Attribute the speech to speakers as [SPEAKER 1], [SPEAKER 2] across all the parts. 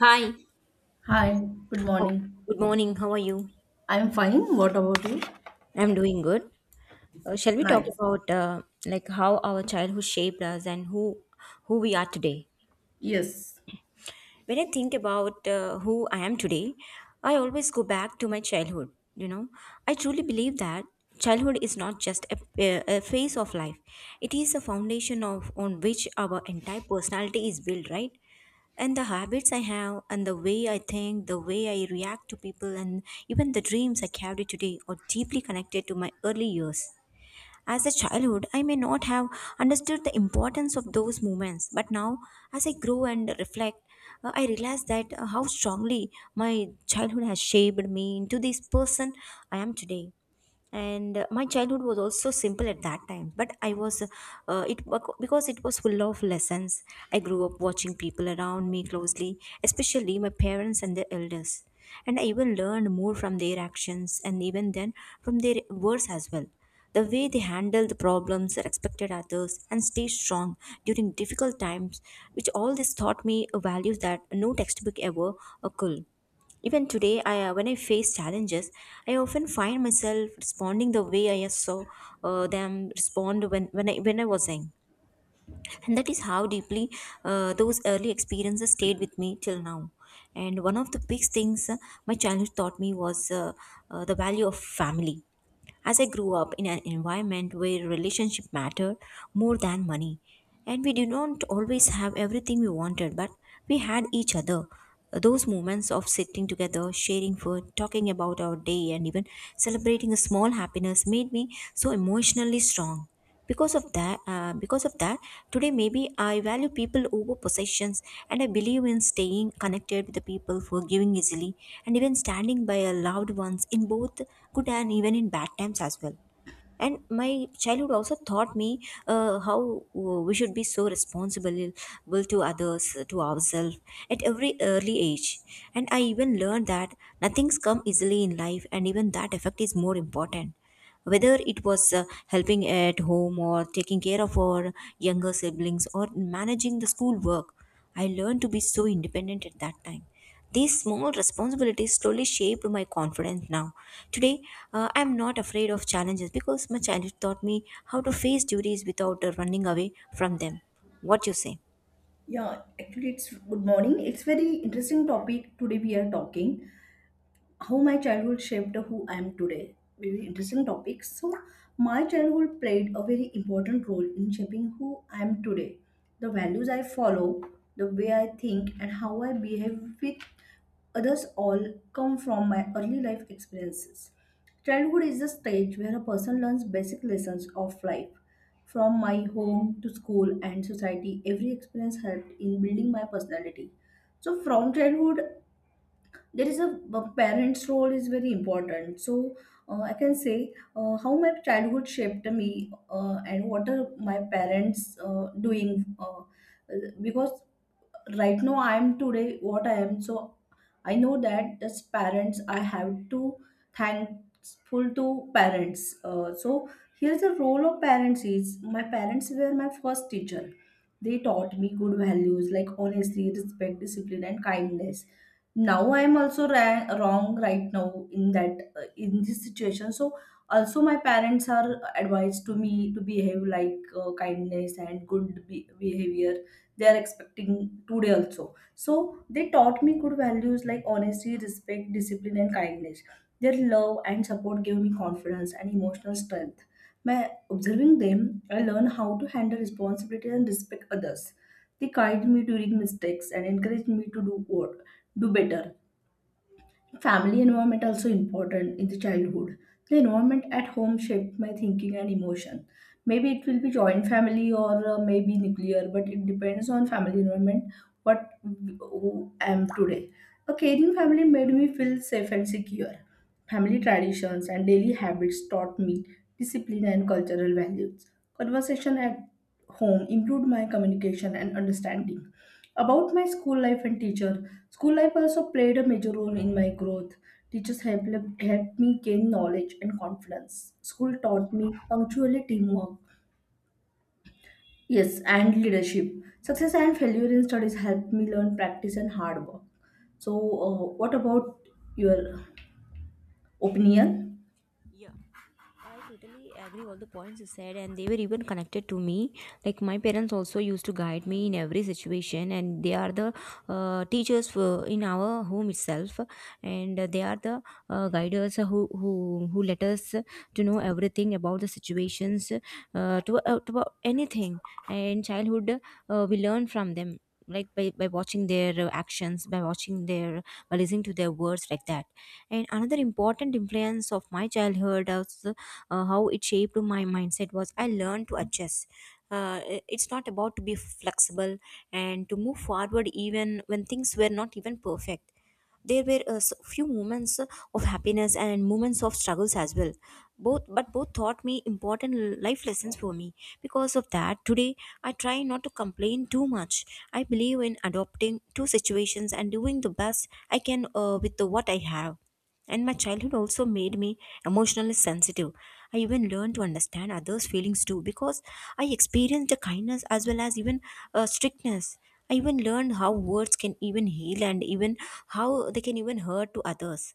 [SPEAKER 1] Hi.
[SPEAKER 2] Hi, good
[SPEAKER 1] Oh,
[SPEAKER 2] morning.
[SPEAKER 1] good morning. How are you?
[SPEAKER 2] I'm fine. What about you?
[SPEAKER 1] I'm doing good. Shall we talk
[SPEAKER 2] Nice.
[SPEAKER 1] about like how our childhood shaped us and who we are today?
[SPEAKER 2] Yes.
[SPEAKER 1] When I think about who I am today, I always go back to my childhood. You know, I truly believe that childhood is not just a a phase of life; it is a foundation of on which our entire personality is built. Right, and the habits I have, and the way I think, the way I react to people, and even the dreams I carry today are deeply connected to my early years. As a childhood, I may not have understood the importance of those moments, but now, as I grow and reflect, I realize that how strongly my childhood has shaped me into this person I am today. And my childhood was also simple at that time, but I was it because it was full of lessons. I grew up watching people around me closely, especially my parents and their elders, and I even learned more from their actions and even then from their words as well. The way they handled the problems, respected others, and stayed strong during difficult times, which all this taught me values that no textbook ever could. Even today, when I face challenges, I often find myself responding the way I saw them respond when I was young, and that is how deeply those early experiences stayed with me till now. And one of the big things my childhood taught me was the value of family. As I grew up in an environment where relationship mattered more than money, and we did not always have everything we wanted, but we had each other. Those moments of sitting together, sharing food, talking about our day, and even celebrating a small happiness made me so emotionally strong. Because of that, today maybe I value people over possessions, and I believe in staying connected with the people, forgiving easily, and even standing by our loved ones in both good and even in bad times as well. And my childhood also taught me how we should be so responsible will to others to ourselves at every early age. And I even learned that nothing's come easily in life, and even that effect is more important. Whether it was helping at home or taking care of our younger siblings or managing the school work, I learned to be so independent at that time. These small responsibilities slowly shaped my confidence now. Today, I'm not afraid of challenges because my childhood taught me how to face duties without running away from them. What you say?
[SPEAKER 2] Yeah, actually it's good morning. It's very interesting topic today we are talking. How my childhood shaped who I am today. Very interesting topic. So, my childhood played a very important role in shaping who I am today. The values I follow, the way I think, and how I behave with others all come from my early life experiences. Childhood is the stage where a person learns basic lessons of life. From my home to school and society, every experience helped in building my personality. So, from childhood, there is a parent's role is very important. So I can say how my childhood shaped me and what are my parents doing, because right now I am today what I am. So I know that as parents I have to thankful to parents, so here's the role of parents. Is my parents were my first teacher. They taught me good values like honesty, respect, discipline, and kindness. Now I am also wrong right now in that, in this situation. So also my parents are advised to me to behave like kindness and good behavior. They are expecting today also. So they taught me good values like honesty, respect, discipline, and kindness. Their love and support gave me confidence and emotional strength. By observing them, I learned how to handle responsibility and respect others. They guide me during mistakes and encourage me to do good do better. Family environment also important in the childhood. The environment at home shaped my thinking and emotion. Maybe it will be joint family or maybe nuclear, but it depends on family environment what who I am today. A caring family made me feel safe and secure. Family traditions and daily habits taught me discipline and cultural values. Conversation at home improved my communication and understanding. About my school life and teacher, school life also played a major role in my growth. Teachers helped, helped me gain knowledge and confidence. School taught me punctuality, teamwork, yes, and leadership. Success and failure in studies helped me learn practice and hard work. So, what about your opinion?
[SPEAKER 1] Yeah, I totally agree all the points you said, and they were even connected to me. Like my parents also used to guide me in every situation, and they are the teachers for, in our home itself, and they are the guiders who let us to know everything about the situations, to about anything. And childhood, we learn from them. Like by watching their actions, by watching their, by listening to their words, like that. And another important influence of my childhood was how it shaped my mindset was I learned to adjust. It's not about to be flexible and to move forward even when things were not even perfect. There were a few moments of happiness and moments of struggles as well. Both, but both taught me important life lessons for me. Because of that, today I try not to complain too much. I believe in adopting two situations and doing the best I can with the, what I have. And my childhood also made me emotionally sensitive. I even learned to understand others' feelings too because I experienced the kindness as well as even strictness. I even learned how words can even heal and even how they can even hurt to others.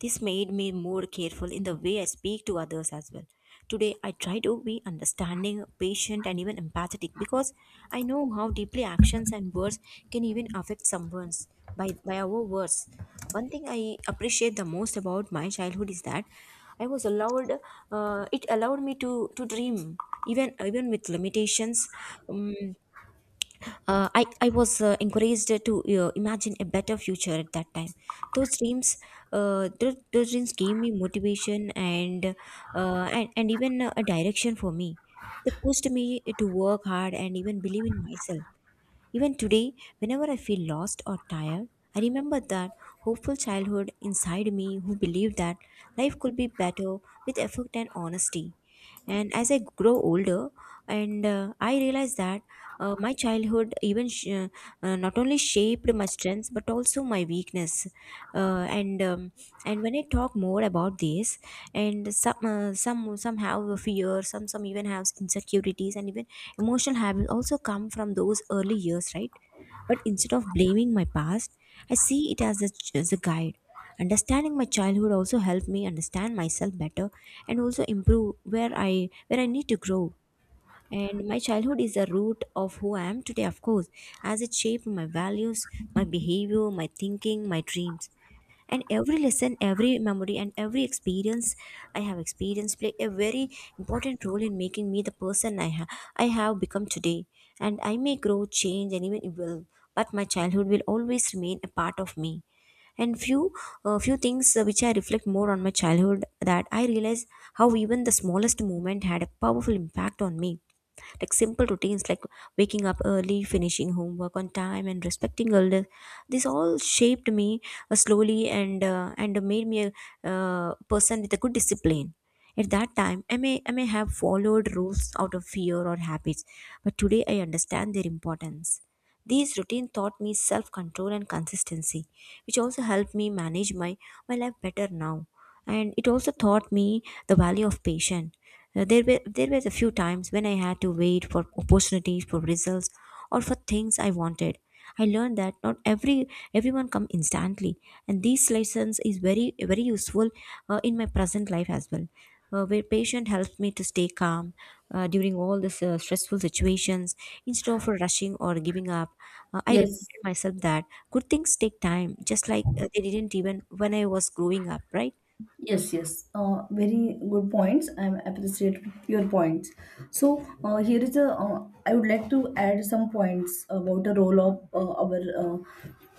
[SPEAKER 1] This made me more careful in the way I speak to others as well. Today, I try to be understanding, patient, and even empathetic because I know how deeply actions and words can even affect someone's by our words. One thing I appreciate the most about my childhood is that I was allowed, it allowed me to dream, even, even with limitations. Um, I was encouraged to imagine a better future at that time. Those dreams, those dreams gave me motivation and and even a direction for me. They pushed me to work hard and even believe in myself. Even today, whenever I feel lost or tired, I remember that hopeful childhood inside me who believed that life could be better with effort and honesty. And as I grow older, and I realize that my childhood not only shaped my strengths but also my weakness. Uh, and um, and when I talk more about this, and some have fear, some even have insecurities, and even emotional habits also come from those early years, right? But instead of blaming my past, I see it as as a guide. Understanding my childhood also helped me understand myself better and also improve where I need to grow. And my childhood is the root of who I am today, of course, as it shaped my values, my behavior, my thinking, my dreams, and every lesson, every memory, and every experience I have experienced play a very important role in making me the person I have become today. And I may grow, change, and even evolve, but my childhood will always remain a part of me. And few few things which I reflect more on my childhood, that I realize how even the smallest moment had a powerful impact on me. Like simple routines like waking up early, finishing homework on time, and respecting elders, this all shaped me slowly, and and made me a person with a good discipline. At that time I may have followed rules out of fear or habits, but today I understand their importance. These routine taught me self-control and consistency, which also helped me manage my, my life better now. And it also taught me the value of patience. There were a few times when I had to wait for opportunities, for results, or for things I wanted. I learned that not every everyone come instantly, and these lessons is very useful in my present life as well, where patient helps me to stay calm during all these stressful situations. Instead of rushing or giving up, I
[SPEAKER 2] Yes.
[SPEAKER 1] reminded myself that good things take time, just like they didn't even when I was growing up, right?
[SPEAKER 2] Yes, yes. Very good points. I appreciate your points. So here is a. I would like to add some points about the role of our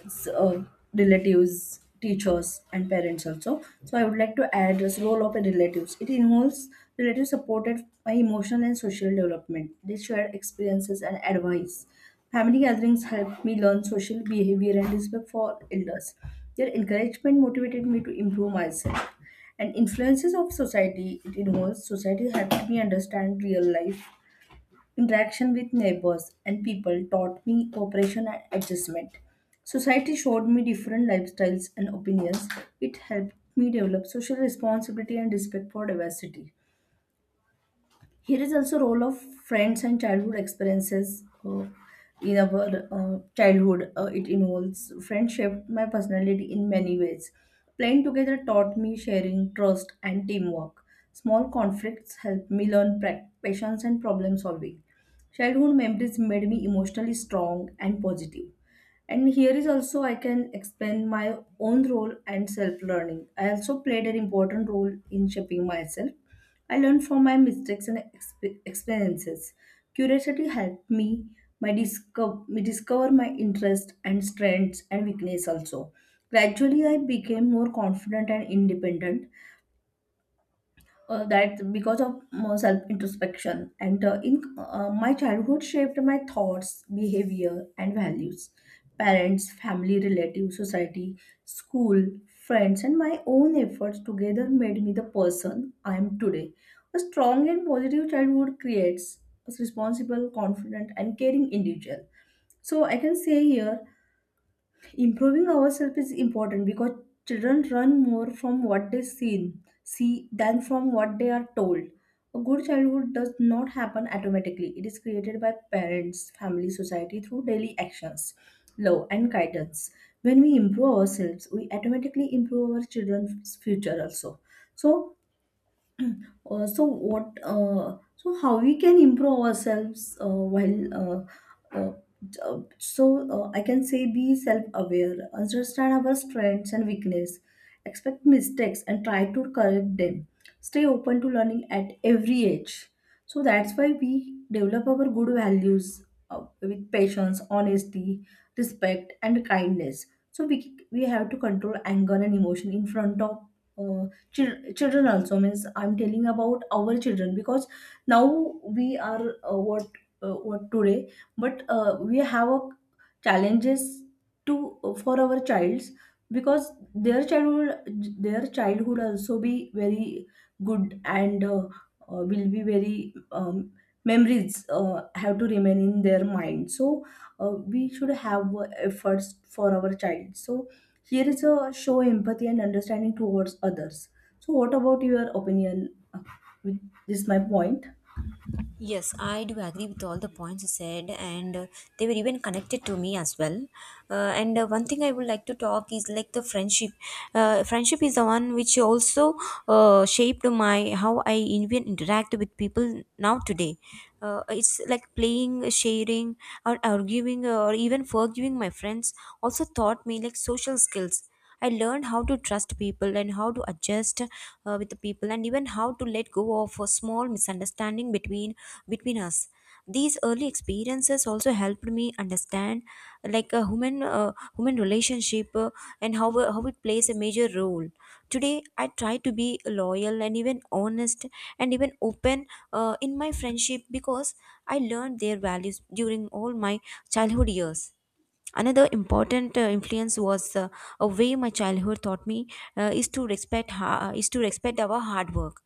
[SPEAKER 2] s- uh, relatives, teachers, and parents also. So I would like to add this role of a relatives. It involves relatives supported by emotional and social development. They share experiences and advice. Family gatherings helped me learn social behavior and respect for elders. Their encouragement motivated me to improve myself. And influences of society, it involves society helped me understand real life. Interaction with neighbors and people taught me cooperation and adjustment. Society showed me different lifestyles and opinions. It helped me develop social responsibility and respect for diversity. Here is also role of friends and childhood experiences. In our childhood, it involves friendship, my personality in many ways. Playing together taught me sharing, trust, and teamwork. Small conflicts helped me learn patience and problem solving. Childhood memories made me emotionally strong and positive. And here is also I can explain my own role and self-learning. I also played an important role in shaping myself. I learned from my mistakes and experiences. Curiosity helped me me discover my interests and strengths and weakness also. Gradually, I became more confident and independent, that because of self introspection. And in my childhood shaped my thoughts, behavior, and values. Parents, family, relatives, society, school, friends, and my own efforts together made me the person I am today. A strong and positive childhood creates a responsible, confident, and caring individual. So I can say here, improving ourselves is important because children learn more from what they see than from what they are told. A good childhood does not happen automatically. It is created by parents, family, society through daily actions, love, and guidance. When we improve ourselves, we automatically improve our children's future also. So so what? So how we can improve ourselves while? Uh, I can say be self-aware, understand our strengths and weakness, expect mistakes and try to correct them. Stay open to learning at every age. So that's why we develop our good values with patience, honesty, respect, and kindness. So we have to control anger and emotion in front of uh, children also. Means I'm telling about our children, because now we are what today, but we have a challenges to for our childs, because their childhood also be very good, and will be very, um, memories have to remain in their mind. So we should have efforts for our child. So here is a show empathy and understanding towards others. So, what about your opinion? With- This is my point.
[SPEAKER 1] Yes, I do agree with all the points you said, and they were even connected to me as well. And One thing I would like to talk is like the friendship. Friendship is the one which also shaped my how I even interact with people now today. It's like playing, sharing, or arguing, or even forgiving my friends. Also taught me like social skills. I learned how to trust people and how to adjust with the people, and even how to let go of a small misunderstanding between us. These early experiences also helped me understand like a human relationship, and how it plays a major role. Today I try to be loyal and even honest and even open in my friendship because I learned their values during all my childhood years. Another important influence was a way my childhood taught me is to respect is to respect our hard work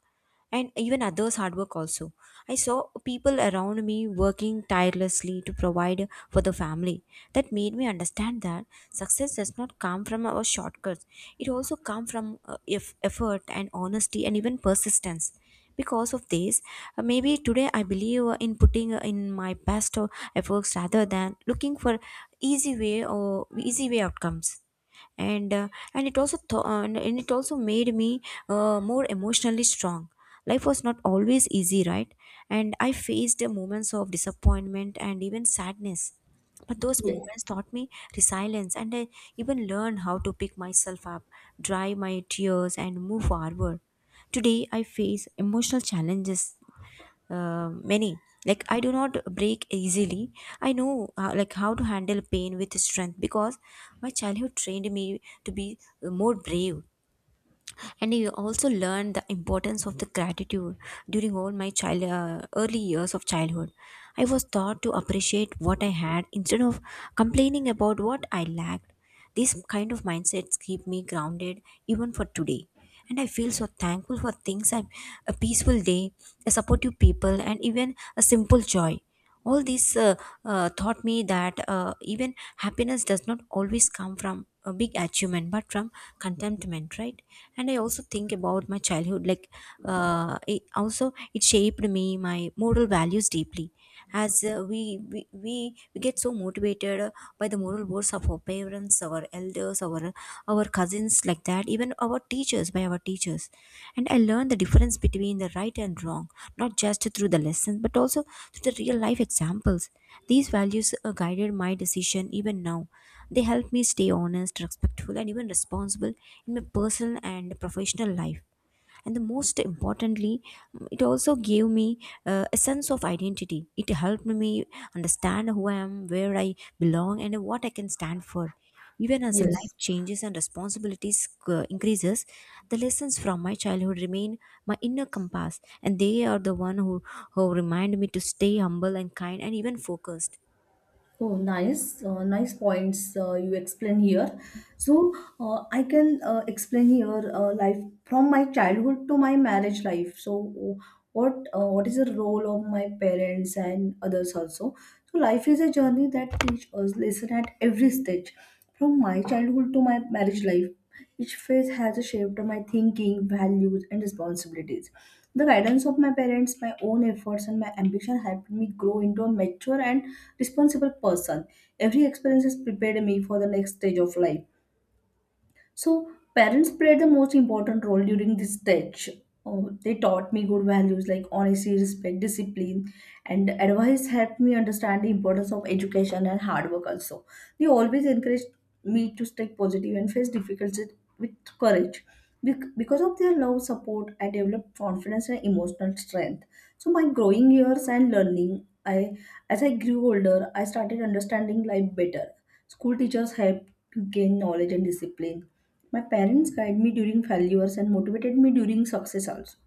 [SPEAKER 1] and even others hard work also. I saw people around me working tirelessly to provide for the family. That made me understand that success does not come from our shortcuts. It also comes from effort and honesty and even persistence. Because of this, maybe today I believe in putting in my best efforts rather than looking for easy way or easy way outcomes. and uh, and it also th- and it also made me more emotionally strong. Life was not always easy, right? And I faced moments of disappointment and even sadness, but those
[SPEAKER 2] Yes.
[SPEAKER 1] moments taught me resilience, and I even learned how to pick myself up, dry my tears and move forward. Today I face emotional challenges, many. Like I do not break easily. I know like how to handle pain with strength, because my childhood trained me to be more brave. And I also learned the importance of the gratitude during all my child early years of childhood. I was taught to appreciate what I had instead of complaining about what I lacked. These kind of mindsets keep me grounded even for today. And I feel so thankful for things like a peaceful day, a supportive people, and even a simple joy. All this taught me that even happiness does not always come from a big achievement but from contentment, right? And I also think about my childhood like, it also it shaped me my moral values deeply, as we get so motivated by the moral words of our parents, our elders, our cousins like that, even our teachers, by our teachers. And I learned the difference between the right and wrong, not just through the lessons but also through the real life examples. These values guided my decision even now. They help me stay honest, respectful and even responsible in my personal and professional life. And the most importantly, it also gave me a sense of identity. It helped me understand who I am, where I belong and what I can stand for. Even as
[SPEAKER 2] Yes.
[SPEAKER 1] life changes and responsibilities increases, the lessons from my childhood remain my inner compass, and they are the one who remind me to stay humble and kind and even focused.
[SPEAKER 2] Oh, nice, nice points you explain here. So, I can explain here life from my childhood to my marriage life. So, what is the role of my parents and others also? So life is a journey that teaches us lesson at every stage. From my childhood to my marriage life, each phase has shaped my thinking, values, and responsibilities. The guidance of my parents, my own efforts, and my ambition helped me grow into a mature and responsible person. Every experience has prepared me for the next stage of life. So parents played the most important role during this stage. Oh, they taught me good values like honesty, respect, discipline, and advice helped me understand the importance of education and hard work also. They always encouraged me to stay positive and face difficulties with courage. Because of their love, support, I developed confidence and emotional strength. So my growing years and learning, I as I grew older, I started understanding life better. School teachers helped to gain knowledge and discipline. My parents guided me during failures and motivated me during success also.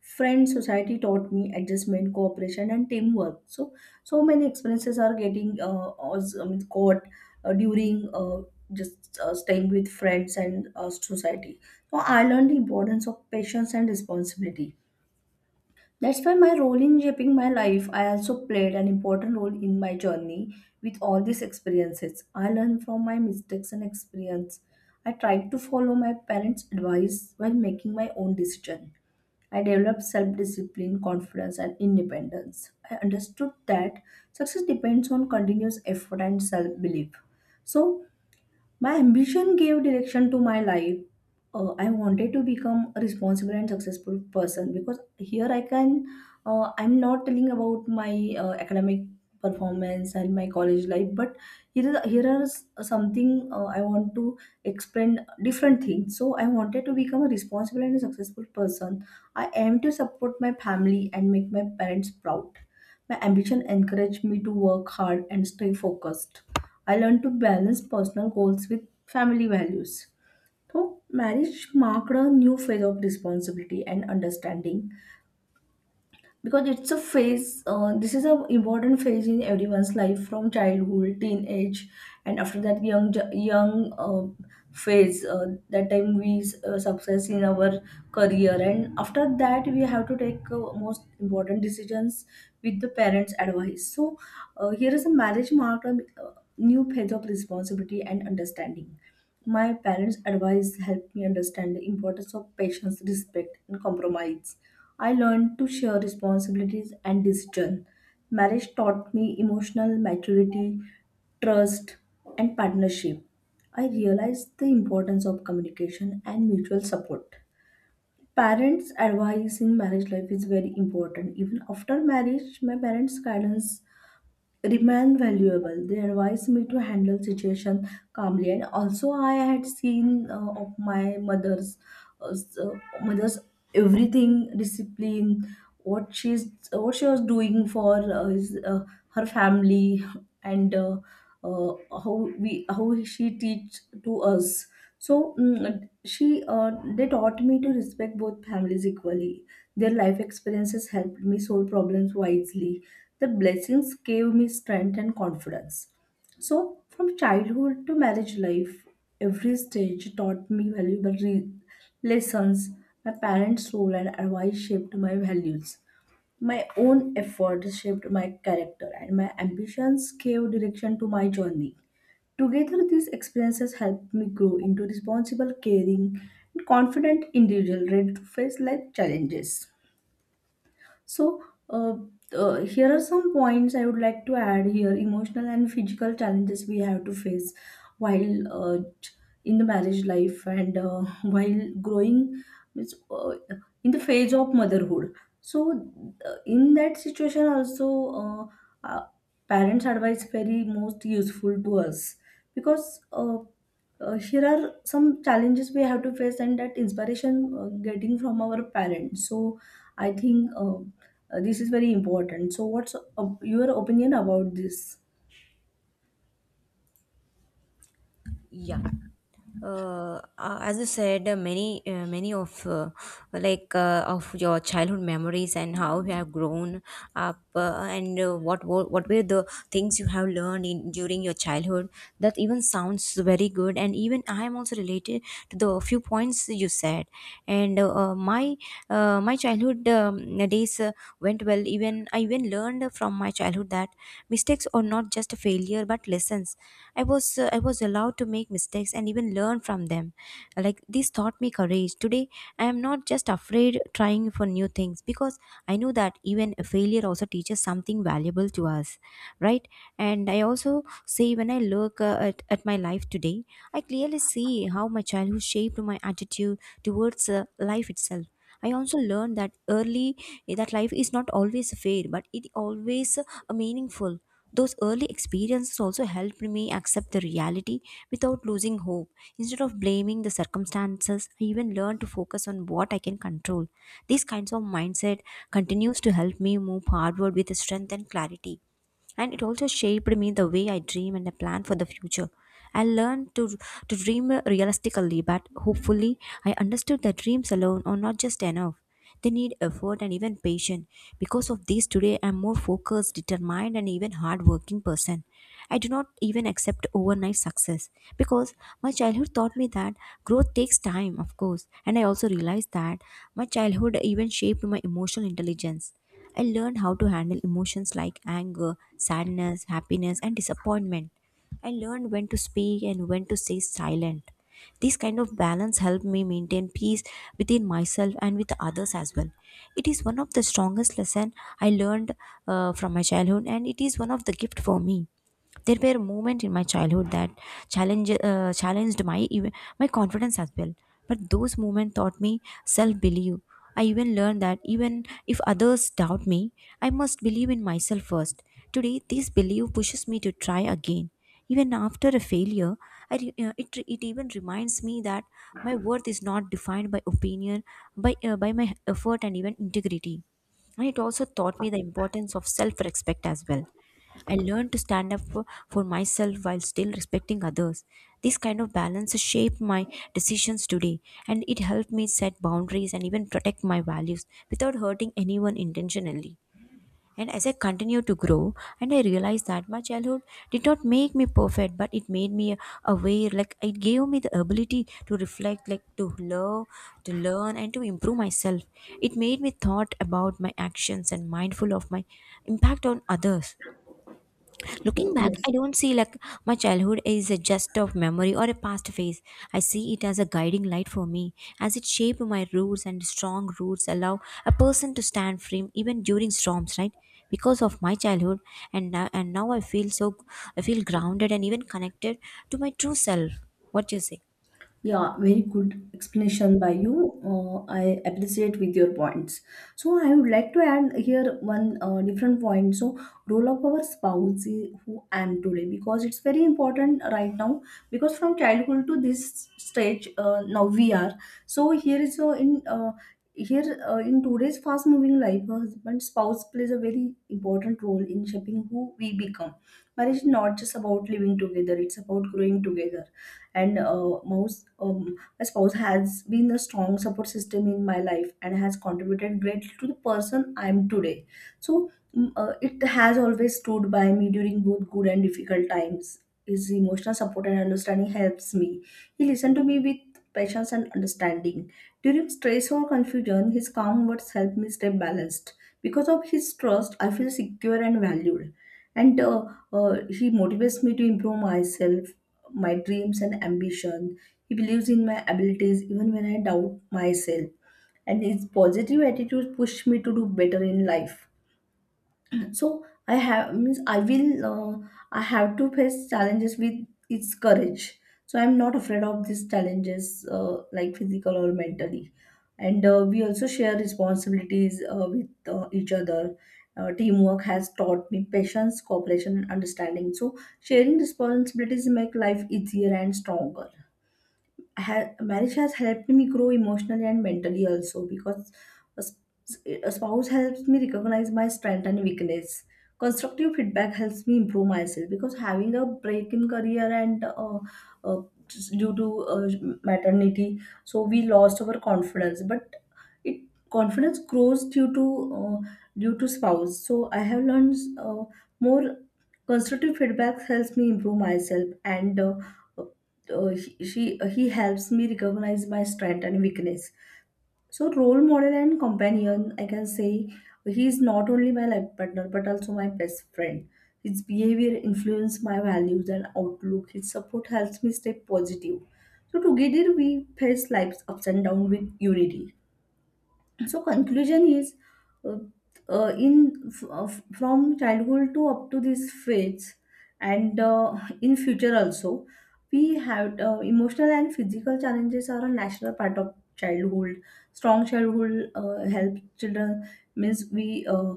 [SPEAKER 2] Friends, society taught me adjustment, cooperation, and teamwork. So, so many experiences are getting was, I mean, caught during just staying with friends and society. So, I learned the importance of patience and responsibility. That's why my role in shaping my life, I also played an important role in my journey. With all these experiences, I learned from my mistakes and experience. I tried to follow my parents' advice while making my own decision. I developed self discipline, confidence, and independence. I understood that success depends on continuous effort and self belief. So, my ambition gave direction to my life. I wanted to become a responsible and successful person, because here I can, I'm not telling about my academic performance and my college life, but here, here are something I want to explain different things. So I wanted to become a responsible and successful person. I aim to support my family and make my parents proud. My ambition encouraged me to work hard and stay focused. I learned to balance personal goals with family values. So, marriage marked a new phase of responsibility and understanding, because it's a phase, this is an important phase in everyone's life, from childhood, teenage, and after that young young, phase, that time we success in our career, and after that we have to take most important decisions with the parents advice. So here is a marriage marked a, uh, new phase of responsibility and understanding. My parents' advice helped me understand the importance of patience, respect, and compromise. I learned to share responsibilities and decision. Marriage taught me emotional maturity, trust, and partnership. I realized the importance of communication and mutual support. Parents' advice in marriage life is very important. Even after marriage, my parents' guidance remain valuable. They advised me to handle situation calmly, and also I had seen of my uh, s- uh, mother's everything discipline, what she was doing for her family, and uh, how she teach to us. So mm, she they taught me to respect both families equally. Their life experiences helped me solve problems wisely. The blessings gave me strength and confidence. So, from childhood to marriage life, every stage taught me valuable lessons. My parents' role and advice shaped my values. My own efforts shaped my character, and my ambitions gave direction to my journey. Together, these experiences helped me grow into responsible, caring, and confident individual ready to face life challenges. So, uh, here are some points I would like to add here emotional and physical challenges we have to face while uh, in the marriage life, and while growing means, uh, in the phase of motherhood. So, in that situation, also, uh, parents' advice very most useful to us, because here are some challenges we have to face, and that inspiration getting from our parents. So I think this is very important. So what's your opinion about this?
[SPEAKER 1] Yeah. As you said, many of of your childhood memories and how you have grown up, and what were the things you have learned in during your childhood. That even sounds very good, and even I am also related to the few points you said. And my childhood days went well. Even I even learned from my childhood that mistakes are not just a failure but lessons. I was allowed to make mistakes and even learn from them. Like this taught me courage. Today I am not just afraid trying for new things, because I know that even a failure also teaches something valuable to us, right? And I also say, when I look at my life today, I clearly see how my childhood shaped my attitude towards life itself. I also learned that early, that life is not always fair, but it always meaningful. Those early experiences also helped me accept the reality without losing hope. Instead of blaming the circumstances, I even learned to focus on what I can control. These kinds of mindset continues to help me move forward with strength and clarity, and it also shaped me the way I dream and I plan for the future. I learned to dream realistically, but hopefully, I understood that dreams alone are not just enough. They need effort and even patience. Because of this, today I'm more focused, determined, and even hardworking person. I do not even accept overnight success, because my childhood taught me that growth takes time, of course. And I also realized that my childhood even shaped my emotional intelligence. I learned how to handle emotions like anger, sadness, happiness, and disappointment. I learned when to speak and when to stay silent. This kind of balance helped me maintain peace within myself and with others as well. It is one of the strongest lesson I learned from my childhood, and it is one of the gift for me. There were moments in my childhood that challenged my even my confidence as well. But those moments taught me self belief. I even learned that even if others doubt me, I must believe in myself first. Today, this belief pushes me to try again. Even after a failure, it even reminds me that my worth is not defined by opinion, by my effort, and even integrity. And it also taught me the importance of self respect as well. I learned to stand up for myself while still respecting others. This kind of balance shaped my decisions today, and it helped me set boundaries and even protect my values without hurting anyone intentionally. And as I continued to grow, and I realized that my childhood did not make me perfect, but it made me aware. Like it gave me the ability to reflect, like to love, to learn, and to improve myself. It made me thought about my actions and mindful of my impact on others. Looking back,
[SPEAKER 2] Yes.
[SPEAKER 1] I don't see like my childhood is a just of memory or a past phase. I see it as a guiding light for me, as it shaped my roots, and strong roots allow a person to stand firm even during storms, right? Because of my childhood, and now I feel so, I feel grounded and even connected to my true self. What do you say?
[SPEAKER 2] Yeah, very good explanation by you. I appreciate with your points. So I would like to add here one different point. So role of our spouse is who I am today, because it's very important right now, because from childhood to this stage now we are. So here, in today's fast moving life, a husband spouse plays a very important role in shaping who we become. Marriage is not just about living together; it's about growing together, and most my spouse has been a strong support system in my life and has contributed greatly to the person I am today. So it has always stood by me during both good and difficult times. His emotional support and understanding helps me. He listened to me with patience and understanding. During stress or confusion, his calm words help me stay balanced. Because of his trust, I feel secure and valued. And he motivates me to improve myself, my dreams and ambition. He believes in my abilities even when I doubt myself. And his positive attitude pushed me to do better in life. So I have means I will I have to face challenges with its courage. So I'm not afraid of these challenges like physical or mentally. And we also share responsibilities with each other. Teamwork has taught me patience, cooperation, and understanding. So sharing responsibilities make life easier and stronger. Marriage has helped me grow emotionally and mentally also, because a, s- a spouse helps me recognize my strength and weakness. Constructive feedback helps me improve myself, because having a break in career and uh, just due to maternity, so we lost our confidence. But it confidence grows due to uh, due to spouse. So I have learned more constructive feedback helps me improve myself, and he helps me recognize my strength and weakness. So role model and companion, I can say, he is not only my life partner but also my best friend. His behavior influences my values and outlook. His support helps me stay positive. So together we face life's ups and downs with unity. So conclusion is uh, uh, in f- uh, from childhood to up to this phase, and in future also, we have emotional and physical challenges are a natural part of childhood. Strong childhood help children means we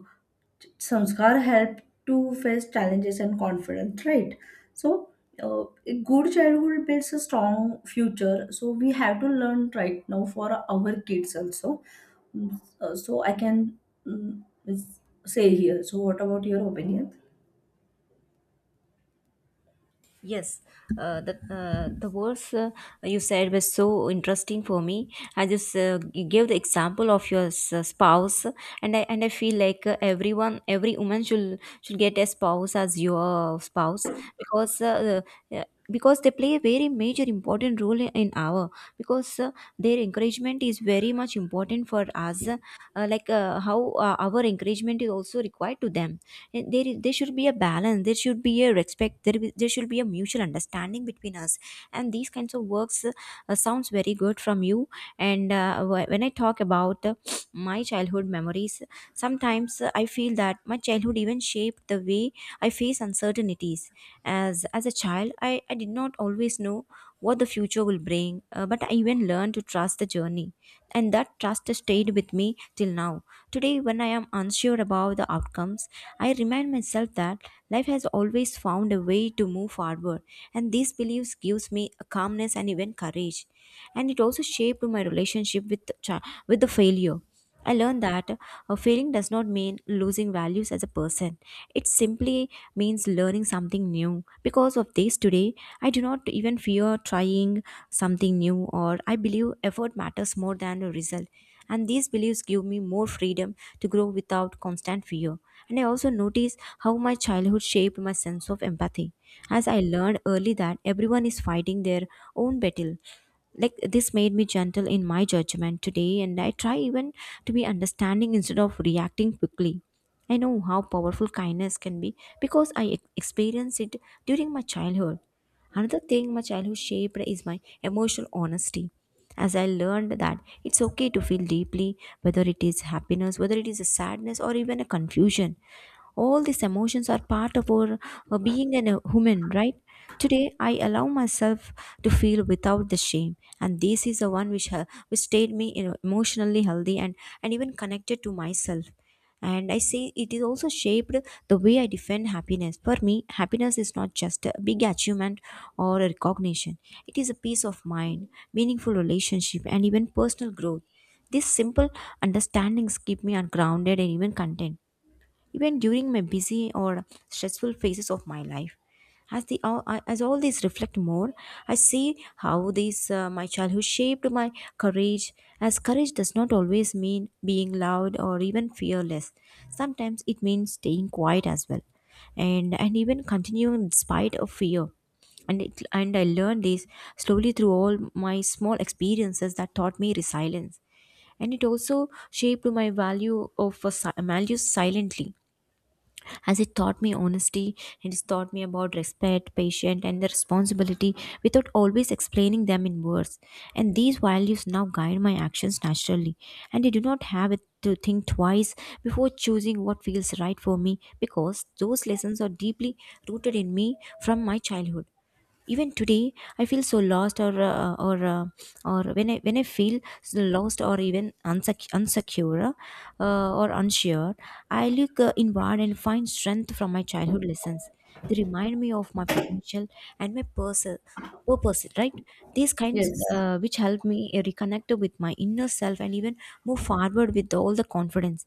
[SPEAKER 2] संस्कार help to face challenges and confidence, right? So a good childhood builds a strong future, so we have to learn right now for our kids also. So I can mm, s- say here. So what about your opinion?
[SPEAKER 1] Yes, the words you said was so interesting for me. I just you gave the example of your spouse, and I feel like everyone, every woman should get a spouse as your spouse, because uh, uh, because they play a very major important role in our, because their encouragement is very much important for us, like how our encouragement is also required to them. And there should be a balance, there should be a respect, there should be a mutual understanding between us. And these kinds of works sounds very good from you. And when I talk about my childhood memories, sometimes I feel that my childhood even shaped the way I face uncertainties. As a child I did not always know what the future will bring, but I even learned to trust the journey, and that trust stayed with me till now. Today when I am unsure about the outcomes, I remind myself that life has always found a way to move forward, and these beliefs gives me a calmness and even courage. And it also shaped my relationship with the with the failure. I learned that a failing does not mean losing values as a person. It simply means learning something new. Because of this, today I do not even fear trying something new, or I believe effort matters more than the result, and these beliefs give me more freedom to grow without constant fear. And I also notice how my childhood shaped my sense of empathy, as I learned early that everyone is fighting their own battle. Like this made me gentle in my judgment today, and I try even to be understanding instead of reacting quickly. I know how powerful kindness can be, because experienced it during my childhood. Another thing my childhood shaped is my emotional honesty, as I learned that it's okay to feel deeply, whether it is happiness, whether it is a sadness or even a confusion. All these emotions are part of our a human, right? Today I allow myself to feel without the shame, and this is the one which which stayed me, emotionally healthy and even connected to myself. And I say it is also shaped the way I defend happiness. For me happiness is not just a big achievement or a recognition. It is a peace of mind, meaningful relationship and even personal growth. These simple understandings keep me grounded and even content, even during my busy or stressful phases of my life. As all these reflect more, I see how these my childhood shaped my courage. As courage does not always mean being loud or even fearless. Sometimes it means staying quiet as well, and even continuing despite of fear. And I learned this slowly through all my small experiences that taught me resilience. And it also shaped my value of a values silently, as it taught me honesty, it has taught me about respect, patience, and the responsibility without always explaining them in words. And these values now guide my actions naturally, and I do not have it to think twice before choosing what feels right for me, because those lessons are deeply rooted in me from my childhood. Even today I feel so lost, or when I feel lost or even unsecure or unsure I look inward and find strength from my childhood lessons. They remind me of my potential and my purpose, right? These kinds
[SPEAKER 2] Yes.
[SPEAKER 1] which help me reconnect with my inner self and even move forward with all the confidence.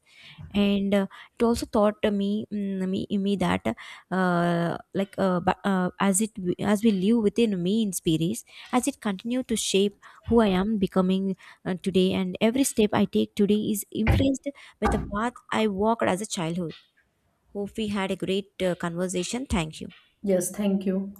[SPEAKER 1] And it also taught me me that as it, as we live within me in spirits, as it continue to shape who I am becoming today. And every step I take today is influenced by the path I walked as a childhood. Hope we had a great conversation. Thank you.
[SPEAKER 2] Yes. Thank you.